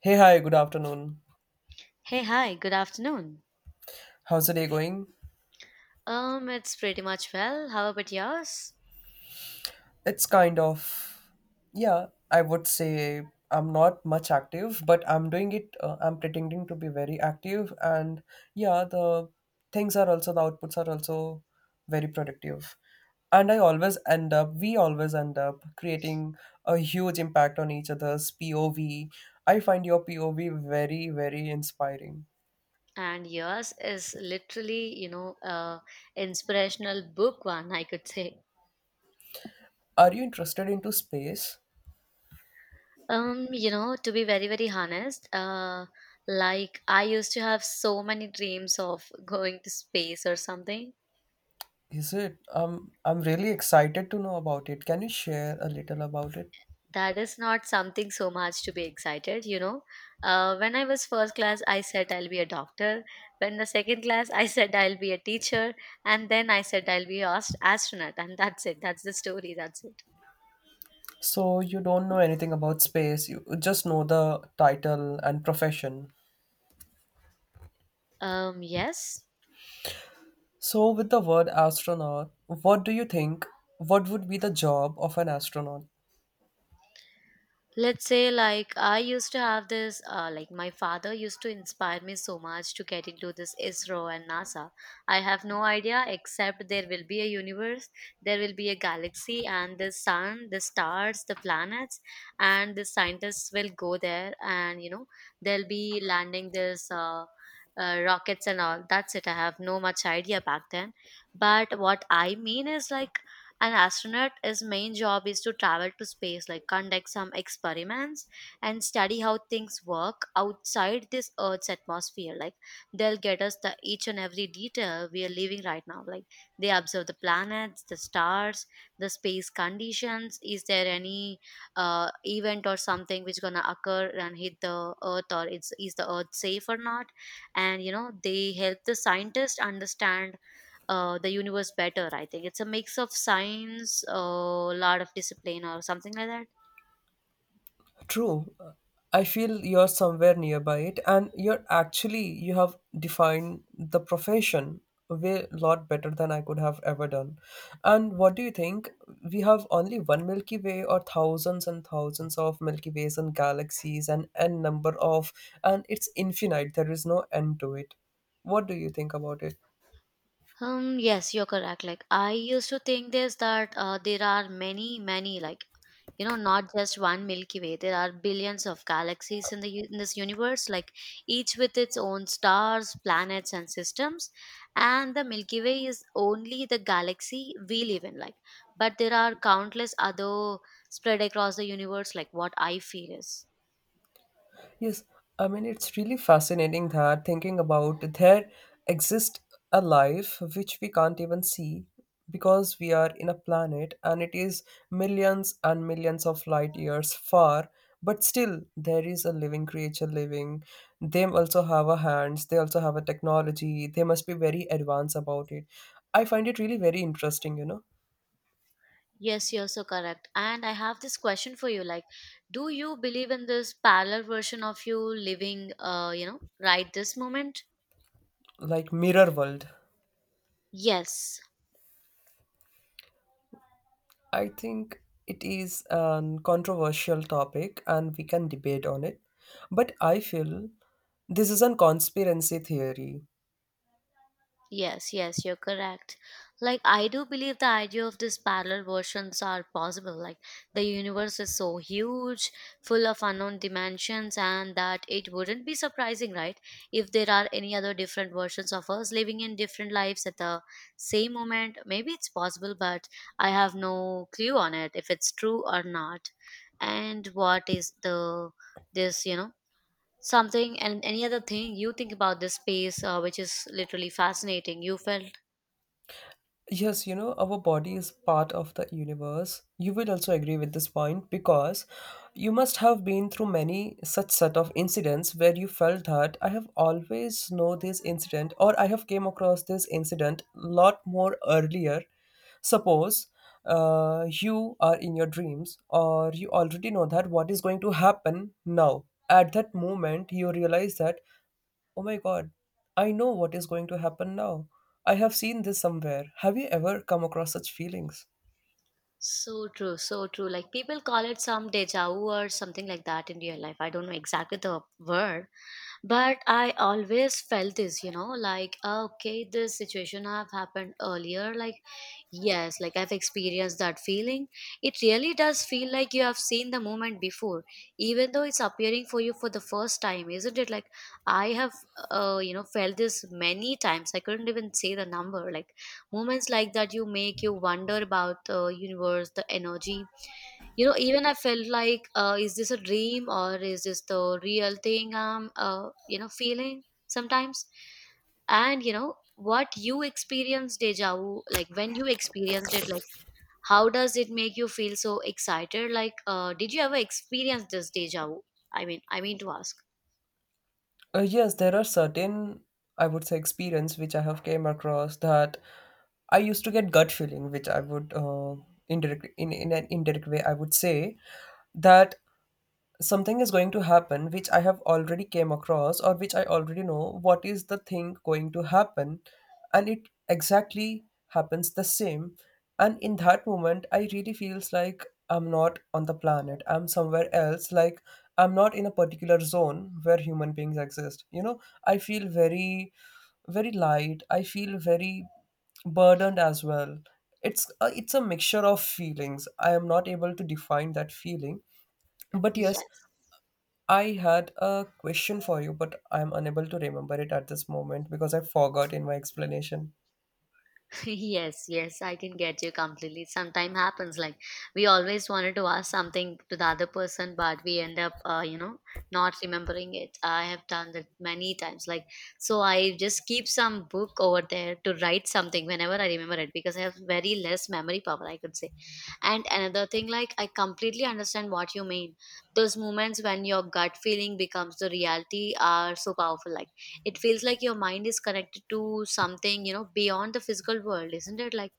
Hey, hi, good afternoon. Hey, hi, good afternoon. How's the day going? It's pretty much well. How about yours? It's kind of, yeah, I would say I'm not much active, but I'm doing it, I'm pretending to be very active. And yeah, the outputs are also very productive. And I always end up, we always end up creating a huge impact on each other's POV. I find your POV very, very inspiring. And yours is literally, a inspirational book one, I could say. Are you interested into space? To be very, very honest, like I used to have so many dreams of going to space or something. Is it? I'm really excited to know about it. Can you share a little about it? That is not something so much to be excited. When I was first class, I said I'll be a doctor. When the second class, I said I'll be a teacher, and then I said I'll be an astronaut, and that's it. That's the story. That's it. So, you don't know anything about space, you just know the title and profession. Yes, So, with the word astronaut, what do you think? What would be the job of an astronaut? let's say, like I used to have this like my father used to inspire me so much to get into this ISRO and NASA. I have no idea except there will be a universe, there will be a galaxy and the sun, the stars, the planets, and the scientists will go there, and you know they'll be landing this rockets and all. That's it. I have no much idea back then. But what I mean is, like, an astronaut, his main job is to travel to space, like conduct some experiments and study how things work outside this Earth's atmosphere. Like they'll get us the each and every detail we are living right now. Like they observe the planets, the stars, the space conditions. Is there any event or something which gonna occur and hit the Earth, or it's is the Earth safe or not? And you know they help the scientists understand the universe better. I think it's a mix of science, a lot of discipline, or something like that. True. I feel you're somewhere nearby it and you have defined the profession a way lot better than I could have ever done. And what do you think? We have only one Milky Way or thousands and thousands of Milky Ways and galaxies and n number of and it's infinite. There is no end to it. What do you think about it? Yes, you're correct. Like I used to think this that there are many, many, like, you know, not just one Milky Way. There are billions of galaxies in in this universe, like each with its own stars, planets, and systems. And the Milky Way is only the galaxy we live in. Like, but there are countless other spread across the universe. Like what I feel is. Yes, I mean, it's really fascinating that thinking about there exists a life which we can't even see because we are in a planet and it is millions and millions of light years far, but still there is a living creature living. They also have a hands, they also have a technology, they must be very advanced about it. I find it really very interesting, you know, Yes, you're so correct. And I have this question for you, like, do you believe in this parallel version of you living, right this moment? like mirror world. Yes. I think it is an controversial topic and we can debate on it. But I feel this is a conspiracy theory. Yes, yes, you're correct. Like, I do believe the idea of these parallel versions are possible. Like, the universe is so huge, full of unknown dimensions, and that it wouldn't be surprising, right, if there are any other different versions of us living in different lives at the same moment. Maybe it's possible, but I have no clue on it if it's true or not. And what is the this, you know? Something and any other thing you think about this space, which is literally fascinating you felt? Yes, you know, our body is part of the universe. You will also agree with this point because you must have been through many such set of incidents where you felt that I have always know this incident or I have came across this incident lot more earlier. Suppose you are in your dreams or you already know that what is going to happen now. At that moment, you realize that oh my god, I know what is going to happen now. I have seen this somewhere. Have you ever come across such feelings? So true, so true. Like people call it some deja vu or something like that in real life. I don't know exactly the word, but I always felt this, you know, like, "Ah, okay, this situation have happened earlier." Like, yes, like I've experienced that feeling. It really does feel like you have seen the moment before, even though it's appearing for you for the first time, isn't it? Like, I have, you know, felt this many times. I couldn't even say the number. Like, moments like that, you make you wonder about the universe, the energy. You know, even I felt like, is this a dream or is this the real thing I'm, you know, feeling sometimes? And you know what, you experienced deja vu. Like, when you experienced it, like, how does it make you feel so excited? Like, did you ever experience this deja vu, I mean to ask? Yes, there are certain, I would say, experience which I have came across that I used to get gut feeling, which I would indirect in an indirect way I would say that something is going to happen which I have already came across or which I already know what is the thing going to happen, and it exactly happens the same. And in that moment I really feels like I'm not on the planet, I'm somewhere else, like I'm not in a particular zone where human beings exist, you know, I feel very very light, I feel very burdened as well. It's a mixture of feelings, I am not able to define that feeling, but yes, Yes. I had a question for you, but I'm unable to remember it at this moment because I forgot in my explanation. Yes, yes, I can get you completely. Sometime happens, like, we always wanted to ask something to the other person but we end up, you know, not remembering it. I have done that many times. Like, so I just keep some book over there to write something whenever I remember it because I have very less memory power, I could say. And another thing, like, I completely understand what you mean. Those moments when your gut feeling becomes the reality are so powerful, like it feels like your mind is connected to something, you know, beyond the physical world, isn't it? Like,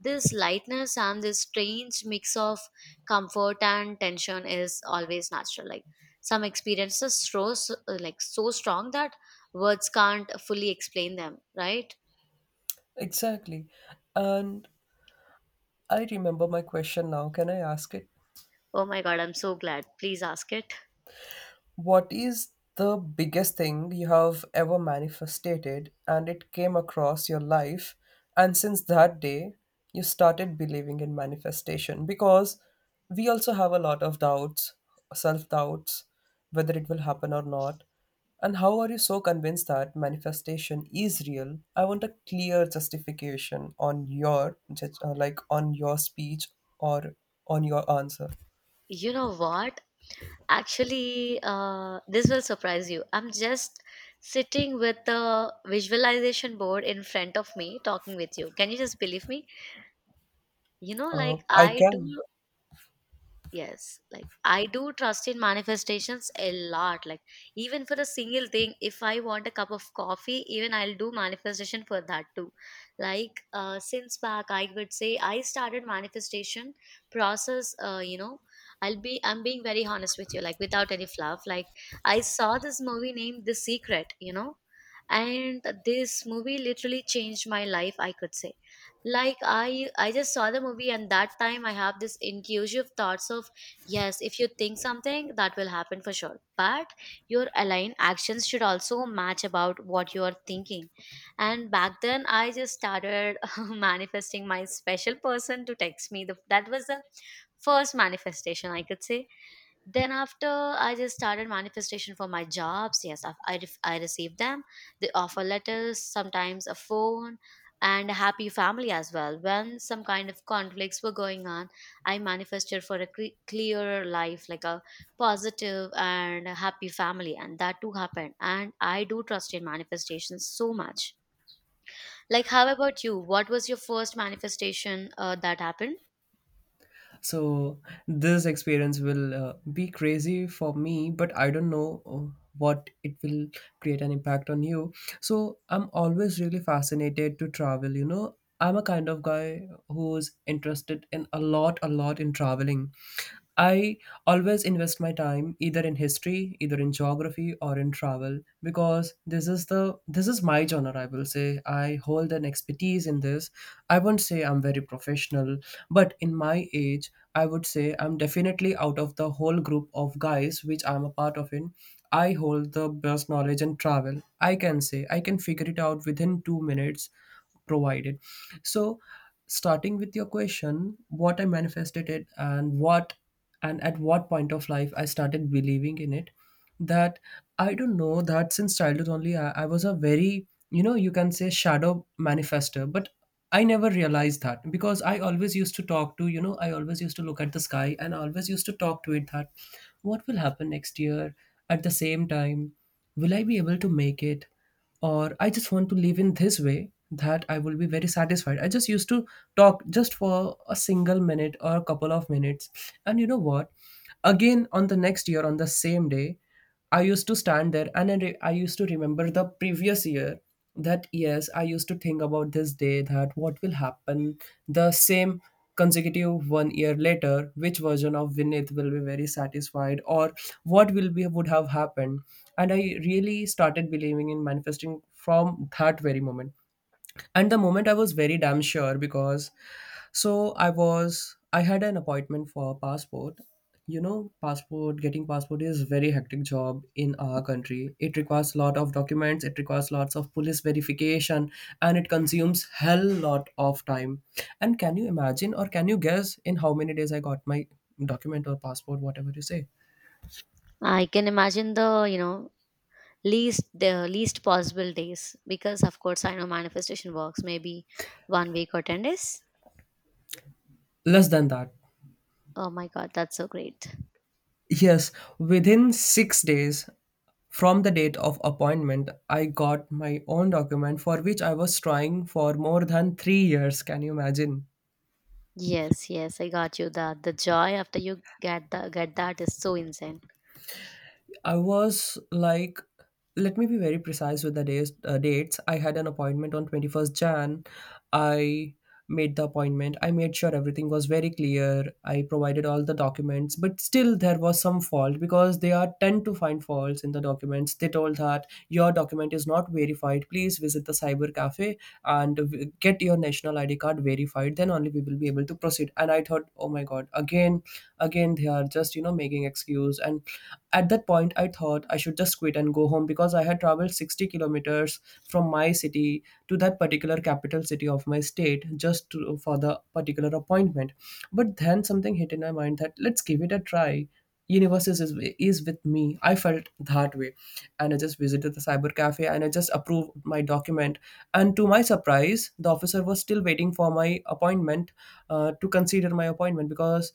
this lightness and this strange mix of comfort and tension is always natural. Like, some experiences so like so strong that words can't fully explain them, right? Exactly. And I remember my question now. Can I ask it? Oh my god, I'm so glad. Please ask it. What is the biggest thing you have ever manifested and it came across your life? And since that day, you started believing in manifestation because we also have a lot of doubts, self doubts, whether it will happen or not. And how are you so convinced that manifestation is real? I want a clear justification on your like on your speech or on your answer. You know what, actually, this will surprise you. I'm just sitting with the visualization board in front of me talking with you. Can you just believe me? You know, like I I do. can. Yes, like I do trust in manifestations a lot. Like, even for a single thing, if I want a cup of coffee, even I'll do manifestation for that too. Like, since back I would say I started manifestation process, you know, I'm being very honest with you, like without any fluff. Like, I saw this movie named The Secret, you know, and this movie literally changed my life, I could say. Like, I just saw the movie and that time I have this intrusive thoughts of, yes, if you think something, that will happen for sure, but your aligned actions should also match about what you are thinking. And back then I just started manifesting my special person to text me. That was the first manifestation, I could say. Then after I just started manifestation for my jobs. Yes, I received them, the offer letters, sometimes a phone, and a happy family as well when some kind of conflicts were going on. I manifested for a clearer life, like a positive and a happy family, and that too happened. And I do trust in manifestations so much. Like, how about you? What was your first manifestation that happened? So this experience will be crazy for me, but I don't know what it will create an impact on you. So I'm always really fascinated to travel, you know. I'm a kind of guy who's interested in a lot in traveling. I always invest my time either in history, either in geography or in travel because this is my genre I will say. I hold an expertise in this. I won't say I'm very professional, but in my age I would say I'm definitely out of the whole group of guys which I'm a part of in. I hold the best knowledge and travel. I can say I can figure it out within two minutes provided. So, starting with your question, what I manifested it and what and at what point of life I started believing in it, that I don't know that since childhood only I was a very you know you can say shadow manifester, but I never realized that because I always used to look at the sky and I always used to talk to it that what will happen next year at the same time, will I be able to make it, or I just want to live in this way that I will be very satisfied. I just used to talk just for a single minute or a couple of minutes. And you know what? Again, on the next year, on the same day, I used to stand there and I used to remember the previous year that yes, I used to think about this day that what will happen the same consecutive one year later, which version of Vinith will be very satisfied or what will be would have happened. And I really started believing in manifesting from that very moment. And the moment I was very damn sure because I had an appointment for passport. You know, passport, getting passport is very hectic job in our country. It requires a lot of documents, it requires lots of police verification, and it consumes hell lot of time. And can you imagine or can you guess in how many days I got my document or passport, whatever you say? I can imagine the, you know, least, the least possible days, because of course I know manifestation works. Maybe one week or 10 days. Less than that. Oh my god, that's so great. Yes, within 6 days from the date of appointment, I got my own document for which I was trying for more than 3 years. Can you imagine? Yes, yes, I got you. That the joy after you get that is so insane. I was like, let me be very precise with the days, dates. I had an appointment on 21st Jan. I made the appointment. I made sure everything was very clear. I provided all the documents, but still there was some fault because they are tend to find faults in the documents. They told that your document is not verified. Please visit the cyber cafe and get your national ID card verified. Then only we will be able to proceed. And I thought, oh my god, again they are just you know making excuse. And at that point, I thought I should just quit and go home because I had traveled 60 kilometers from my city to that particular capital city of my state just to, for the particular appointment. But then something hit in my mind that let's give it a try. Universe is with me. I felt that way. And I just visited the cyber cafe and I just approved my document. And to my surprise, the officer was still waiting for my appointment to consider my appointment because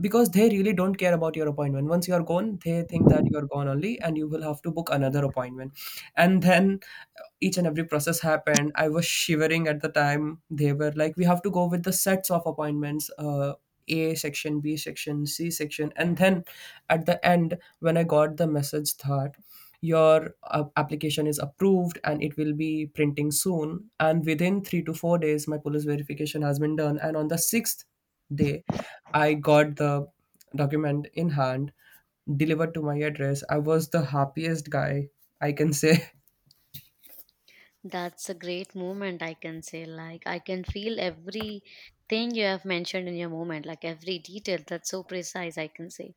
they really don't care about your appointment. Once you are gone, they think that you are gone only, and you will have to book another appointment. And then each and every process happened. I was shivering at the time. They were like, "We have to go with the sets of appointments." A section, B section, C section, and then at the end, when I got the message that your application is approved and it will be printing soon, and within 3 to 4 days my police verification has been done, and on the 6th day I got the document in hand delivered to my address. I was the happiest guy, I can say. That's a great moment, I can say. Like, I can feel every thing you have mentioned in your moment, like every detail. That's so precise, I can say.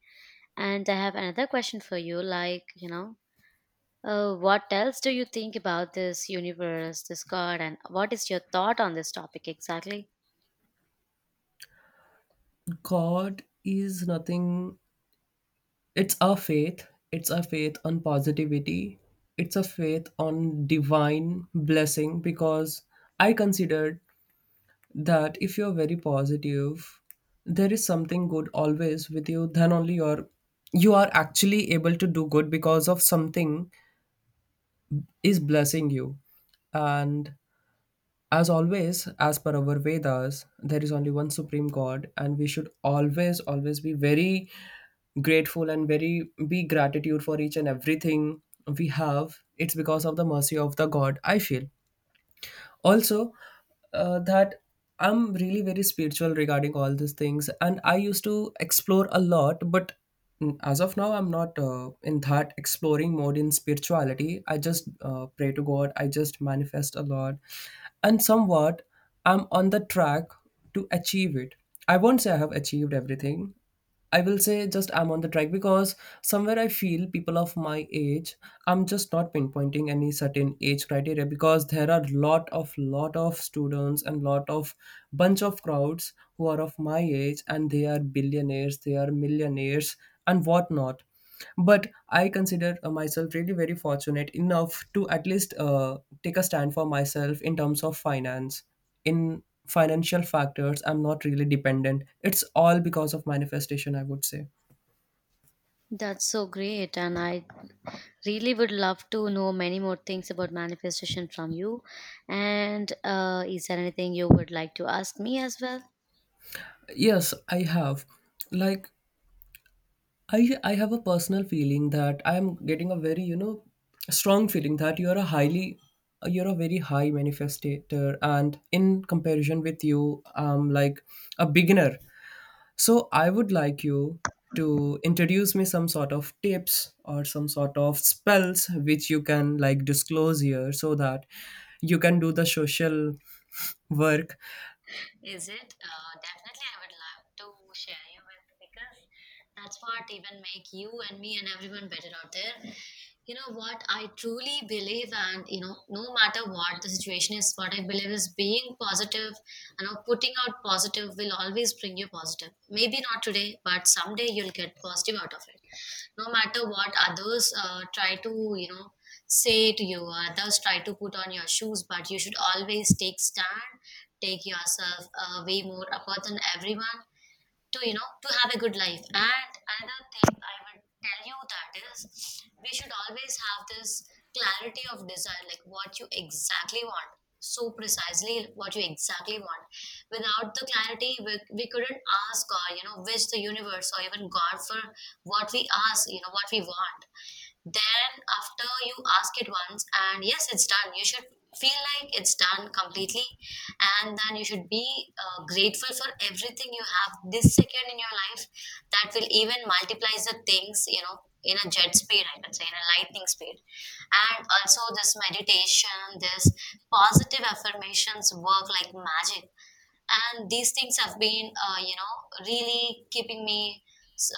And I have another question for you, like, you know, what else do you think about this universe, this God, and what is your thought on this topic exactly? God is nothing, it's a faith, it's a faith on positivity, it's a faith on divine blessing, because I considered that if you're very positive, there is something good always with you, then only you're you are actually able to do good because of something is blessing you. And as always, as per our Vedas, there is only one supreme God, and we should always, always be very grateful and very be gratitude for each and everything we have. It's because of the mercy of the God, I feel. Also, that I'm really very spiritual regarding all these things, and I used to explore a lot, but as of now, I'm not in that exploring mode in spirituality. I just pray to God, I just manifest a lot, and somewhat I'm on the track to achieve it. I won't say I have achieved everything. I will say just I'm on the track because somewhere I feel people of my age, I'm just not pinpointing any certain age criteria because there are lot of students and lot of bunch of crowds who are of my age and they are billionaires, they are millionaires and whatnot. But I consider myself really very fortunate enough to at least take a stand for myself in terms of finance. In financial factors, I'm not really dependent. It's all because of manifestation, I would say. That's so great, and I really would love to know many more things about manifestation from you. And is there anything you would like to ask me as well? Yes, I have. Like I have a personal feeling that I am getting a very, strong feeling that you're a very high manifestator, and in comparison with you, I'm like a beginner. So I would like you to introduce me some sort of tips or some sort of spells which you can like disclose here so that you can do the social work. Is it? Definitely, I would love to share you with, because that's what even make you and me and everyone better out there. You know what I truly believe, and you know, no matter what the situation is, what I believe is being positive. You know, putting out positive will always bring you positive. Maybe not today, but someday you'll get positive out of it. No matter what others try to, you know, say to you, others try to put on your shoes, but you should always take stand, take yourself away more apart than everyone to, you know, to have a good life. And another thing I would tell you that is we should always have this clarity of desire, like what you exactly want, so precisely what you exactly want. Without the clarity, we couldn't ask or, you know, wish the universe or even God for what we ask, you know, what we want. Then, after you ask it once, and yes, it's done, you should feel like it's done completely. And then you should be grateful for everything you have this second in your life, that will even multiplies the things, you know, in a jet speed, I can say, in a lightning speed. And also, this meditation, this positive affirmations work like magic, and these things have been, you know, really keeping me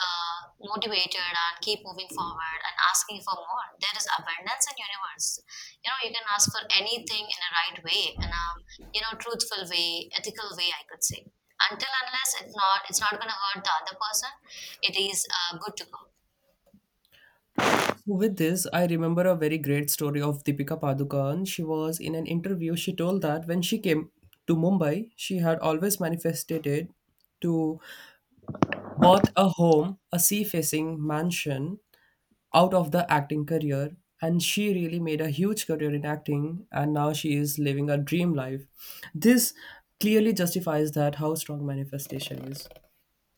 motivated and keep moving forward and asking for more. There is abundance in universe. You know, you can ask for anything in a right way, in a, you know, truthful way, ethical way, I could say. Until unless it's not going to hurt the other person, it is good to go. So with this, I remember a very great story of Deepika Padukone. She was in an interview, she told that when she came to Mumbai, she had always manifested to bought a home, a sea facing mansion out of the acting career, and she really made a huge career in acting and now she is living a dream life. This clearly justifies that how strong manifestation is.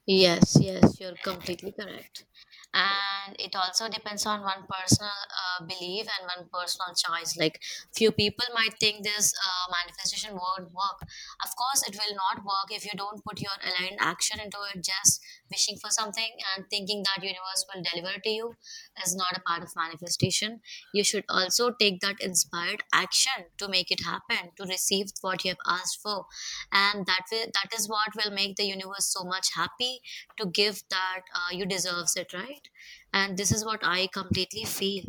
Yes, yes, you're completely correct. And it also depends on one personal belief and one personal choice. Like, few people might think this manifestation won't work. Of course, it will not work if you don't put your aligned action into it. Just wishing for something and thinking that universe will deliver to you is not a part of manifestation. You should also take that inspired action to make it happen, to receive what you have asked for, and that is what will make the universe so much happy to give that. You deserves it, right? And this is what I completely feel.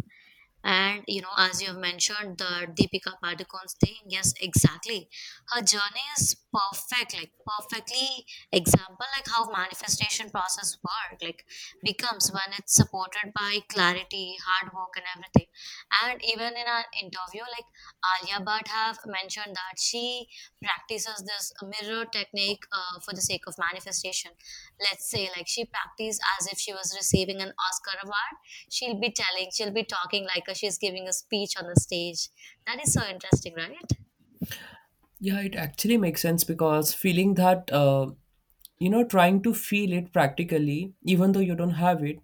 And you know, as you have mentioned, the Deepika Padukone's thing, yes, exactly. Her journey is perfect, like perfectly example, like how manifestation process work, like becomes when it's supported by clarity, hard work, and everything. And even in an interview, like Alia Bhatt have mentioned that she practices this mirror technique for the sake of manifestation. Let's say, like she practiced as if she was receiving an Oscar award, she'll be talking like she's giving a speech on the stage. That is so interesting, right? Yeah, it actually makes sense because feeling that you know, trying to feel it practically even though you don't have it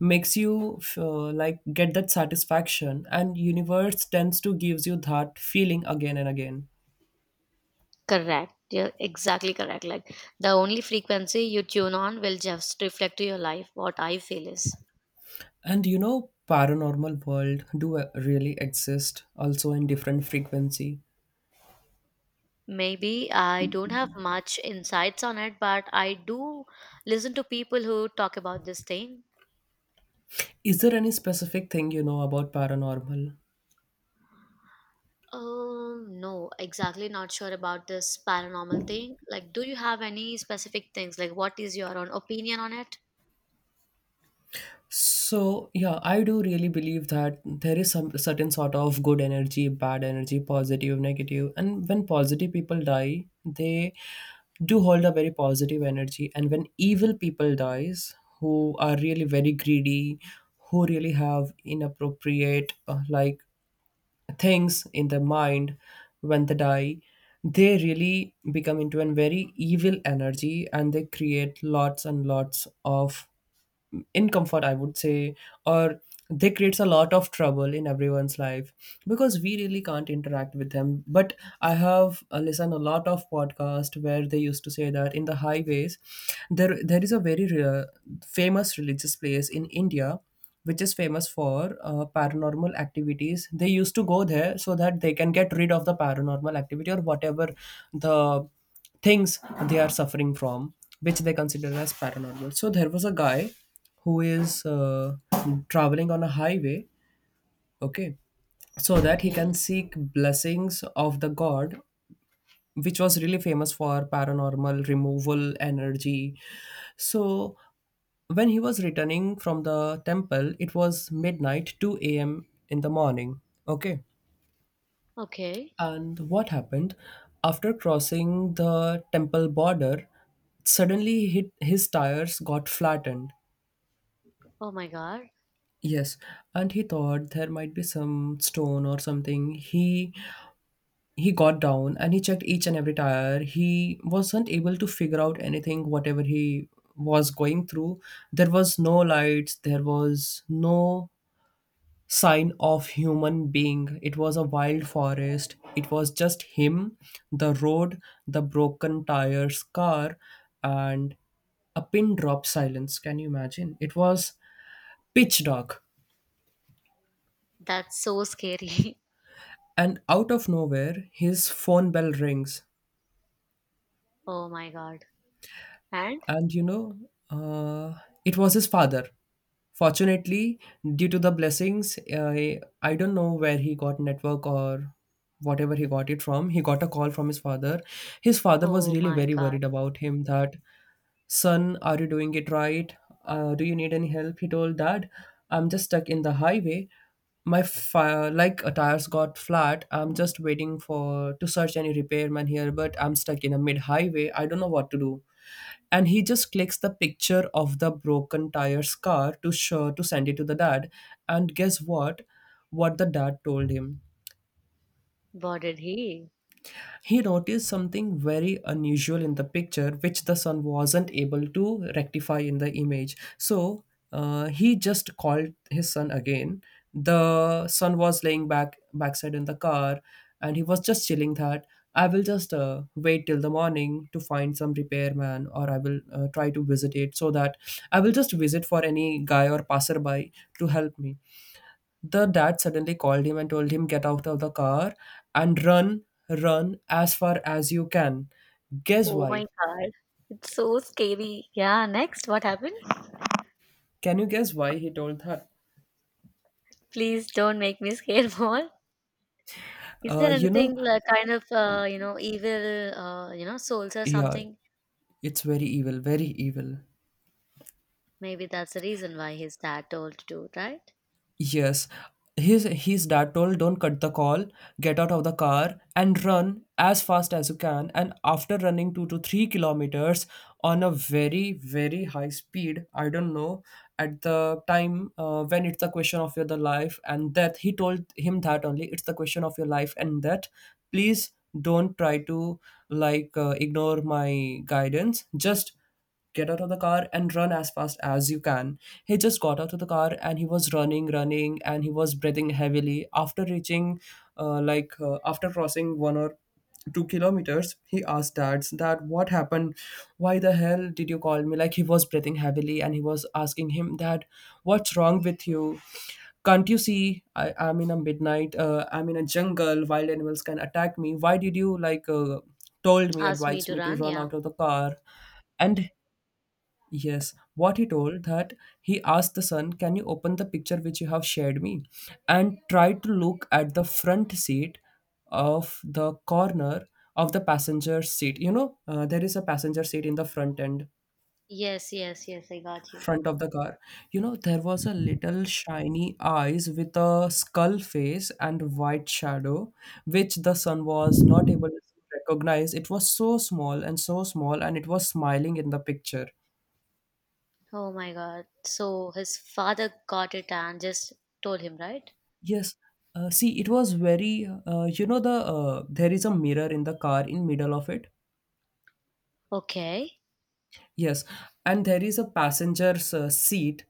makes you like get that satisfaction and universe tends to gives you that feeling again and again. Correct. You're exactly correct. Like the only frequency you tune on will just reflect to your life. What I feel is, And you know, paranormal world do really exist also in different frequency. maybe I don't have much insights on it, but I do listen to people who talk about this thing. Is there any specific thing you know about paranormal? No, exactly not sure about this paranormal thing. Like, do you have any specific things? Like, what is your own opinion on it? So yeah, I do really believe that there is some certain sort of good energy, bad energy, positive, negative, and when positive people die, they do hold a very positive energy, and when evil people dies, who are really very greedy, who really have inappropriate things in the mind when they die, they really become into a very evil energy and they create lots and lots of in comfort, I would say, or they creates a lot of trouble in everyone's life because we really can't interact with them. But I have listened a lot of podcast where they used to say that in the highways there is a very rare, famous religious place in India which is famous for paranormal activities. They used to go there so that they can get rid of the paranormal activity or whatever the things they are suffering from, which they consider as paranormal. So there was a guy who is traveling on a highway, okay, so that he can Okay. seek blessings of the god, which was really famous for paranormal removal energy. So when he was returning from the temple, it was midnight, 2 a.m. in the morning, okay. Okay. And what happened? After crossing the temple border, suddenly hit his tires got flattened. Oh my god. Yes, and he thought there might be some stone or something. He got down and he checked each and every tire. He wasn't able to figure out anything whatever he was going through. There was no lights, there was no sign of human being. It was a wild forest, it was just him, the road, the broken tires car, and a pin drop silence. Can you imagine? It was pitch dark. That's so scary. And out of nowhere his phone bell rings. Oh my god. And And you know, uh, it was his father. Fortunately, due to the blessings, I don't know where he got network or whatever he got it from, he got a call from his father. His father was oh really my very god, worried about him that, Son, are you doing it right? Do you need any help? He told dad, I'm just stuck in the highway. My tires got flat. I'm just waiting for to search any repairman here, but I'm stuck in a mid highway. I don't know what to do. And he just clicks the picture of the broken tires car to show to send it to the dad. And guess what? What the dad told him, what did he? he noticed something very unusual in the picture, which the sun wasn't able to rectify in the image. So he just called his son again. The son was laying backside in the car, and he was just chilling that I will just wait till the morning to find some repairman, or I will try to visit it so that I will just visit for any guy or passerby to help me. The dad suddenly called him and told him, Get out of the car and run, run as far as you can. Guess Oh my why? god. It's so scary. Yeah, next, what happened? Can you guess why he told her? Please don't make me scared more. Is Uh, there you know, anything like kind of you know, evil you know, souls or yeah, something? it's very evil, very evil. Maybe that's the reason why his dad told to, right? Yes. His dad told, don't cut the call, get out of the car and run as fast as you can. And after running 2 to 3 kilometers on a very, very high speed, I don't know, at the time when it's a question of your the life and death, he told him that only it's the question of your life and death. Please don't try to ignore my guidance. Just get out of the car and run as fast as you can. He just got out of the car and he was running, running, and he was breathing heavily. After reaching, after crossing 1 or 2 kilometers, he asked dads that what happened? Why the hell did you call me? Like, he was breathing heavily and he was asking him that what's wrong with you? Can't you see I am in a midnight? I'm in a jungle. Wild animals can attack me. Why did you told me, Asked me advised to me to run, run yeah. out of the car? And yes, what he told that he asked the son, "Can you open the picture which you have shared me?" and tried to look at the front seat of the corner of the passenger seat. You know, there is a passenger seat in the front end, Yes, yes, yes, I got you. front of the car. You know, there was a little shiny eyes with a skull face and white shadow, which the son was not able to recognize. It was so small, and it was smiling in the picture. Oh my god. So his father got it and just told him, right? Yes. See, it was very, there is a mirror in the car in middle of it. Okay. Yes, and there is a passenger's seat.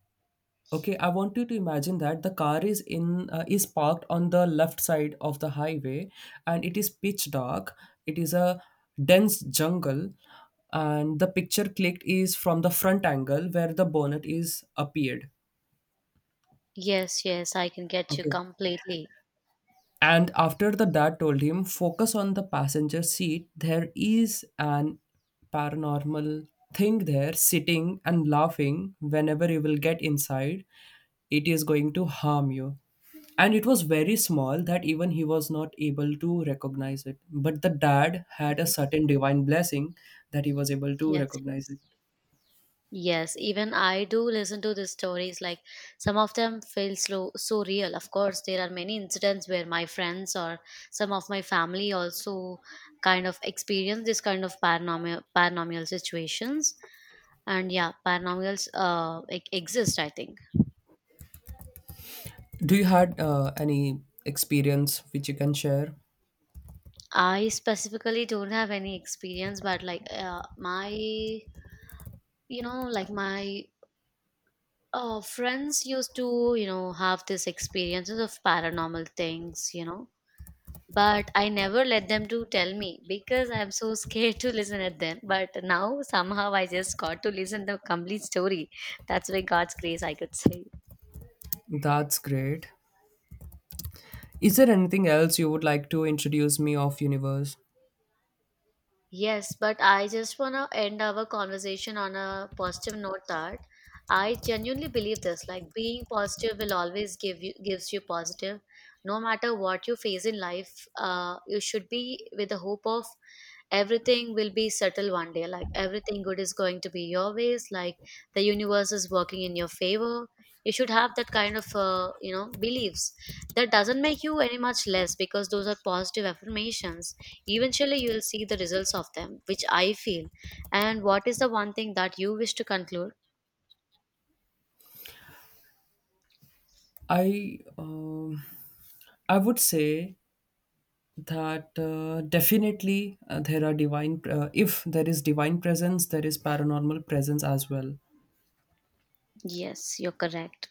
Okay, I want you to imagine that the car is in is parked on the left side of the highway, and it is pitch dark. It is a dense jungle, and the picture clicked is from the front angle where the bonnet is appeared. Yes, yes, I can get you Okay. completely. And after the dad told him, focus on the passenger seat. There is an paranormal thing there, sitting and laughing. Whenever you will get inside, it is going to harm you. And it was very small that even he was not able to recognize it. But the dad had a Yes, certain divine blessing that he was able to yes, recognize yes. it. Yes, even I do listen to the stories. Like some of them feel so so real. Of course, there are many incidents where my friends or some of my family also kind of experience this kind of paranormal situations. And yeah, paranormals exist, I think. Do you had any experience which you can share? I specifically don't have any experience, but like my, you know, like my, friends used to, you know, have these experiences of paranormal things, you know, but I never let them to tell me because I'm so scared to listen at them. But now somehow I just got to listen the complete story. That's by god's grace, I could say. That's great. Is there anything else you would like to introduce me of universe? Yes, but I just want to end our conversation on a positive note that I genuinely believe this, like being positive will always gives you positive. No matter what you face in life, you should be with the hope of everything will be settled one day, like everything good is going to be your ways, like the universe is working in your favor. You should have that kind of you know, beliefs, that doesn't make you any much less, because those are positive affirmations. Eventually, you will see the results of them, which I feel. And what is the one thing that you wish to conclude? I um I would say that definitely there are divine if there is divine presence there is paranormal presence as well, Yes, you're correct.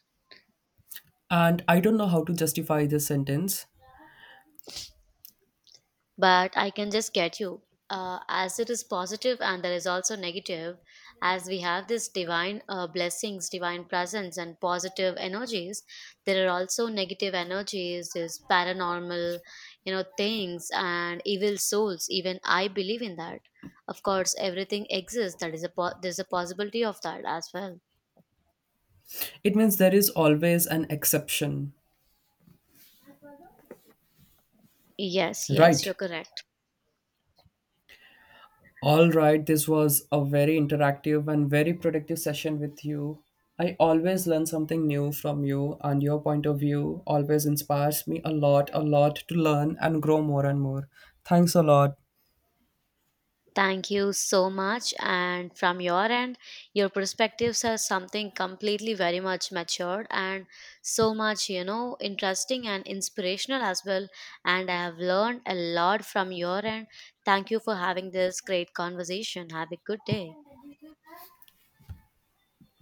and I don't know how to justify this sentence. But I can just get you. As it is positive and there is also negative, as we have this divine blessings, divine presence, and positive energies, there are also negative energies, this paranormal, you know, things and evil souls. Even I believe in that. Of course, everything exists. That is a there's a possibility of that as well. It means there is always an exception, Yes, yes, right? you're correct. All right, this was a very interactive and very productive session with you. I always learn something new from you, and your point of view always inspires me a lot to learn and grow more and more. Thanks a lot. Thank you so much. And from your end, your perspectives are something completely very much matured and so much, you know, interesting and inspirational as well. And I have learned a lot from your end. Thank you for having this great conversation. Have a good day.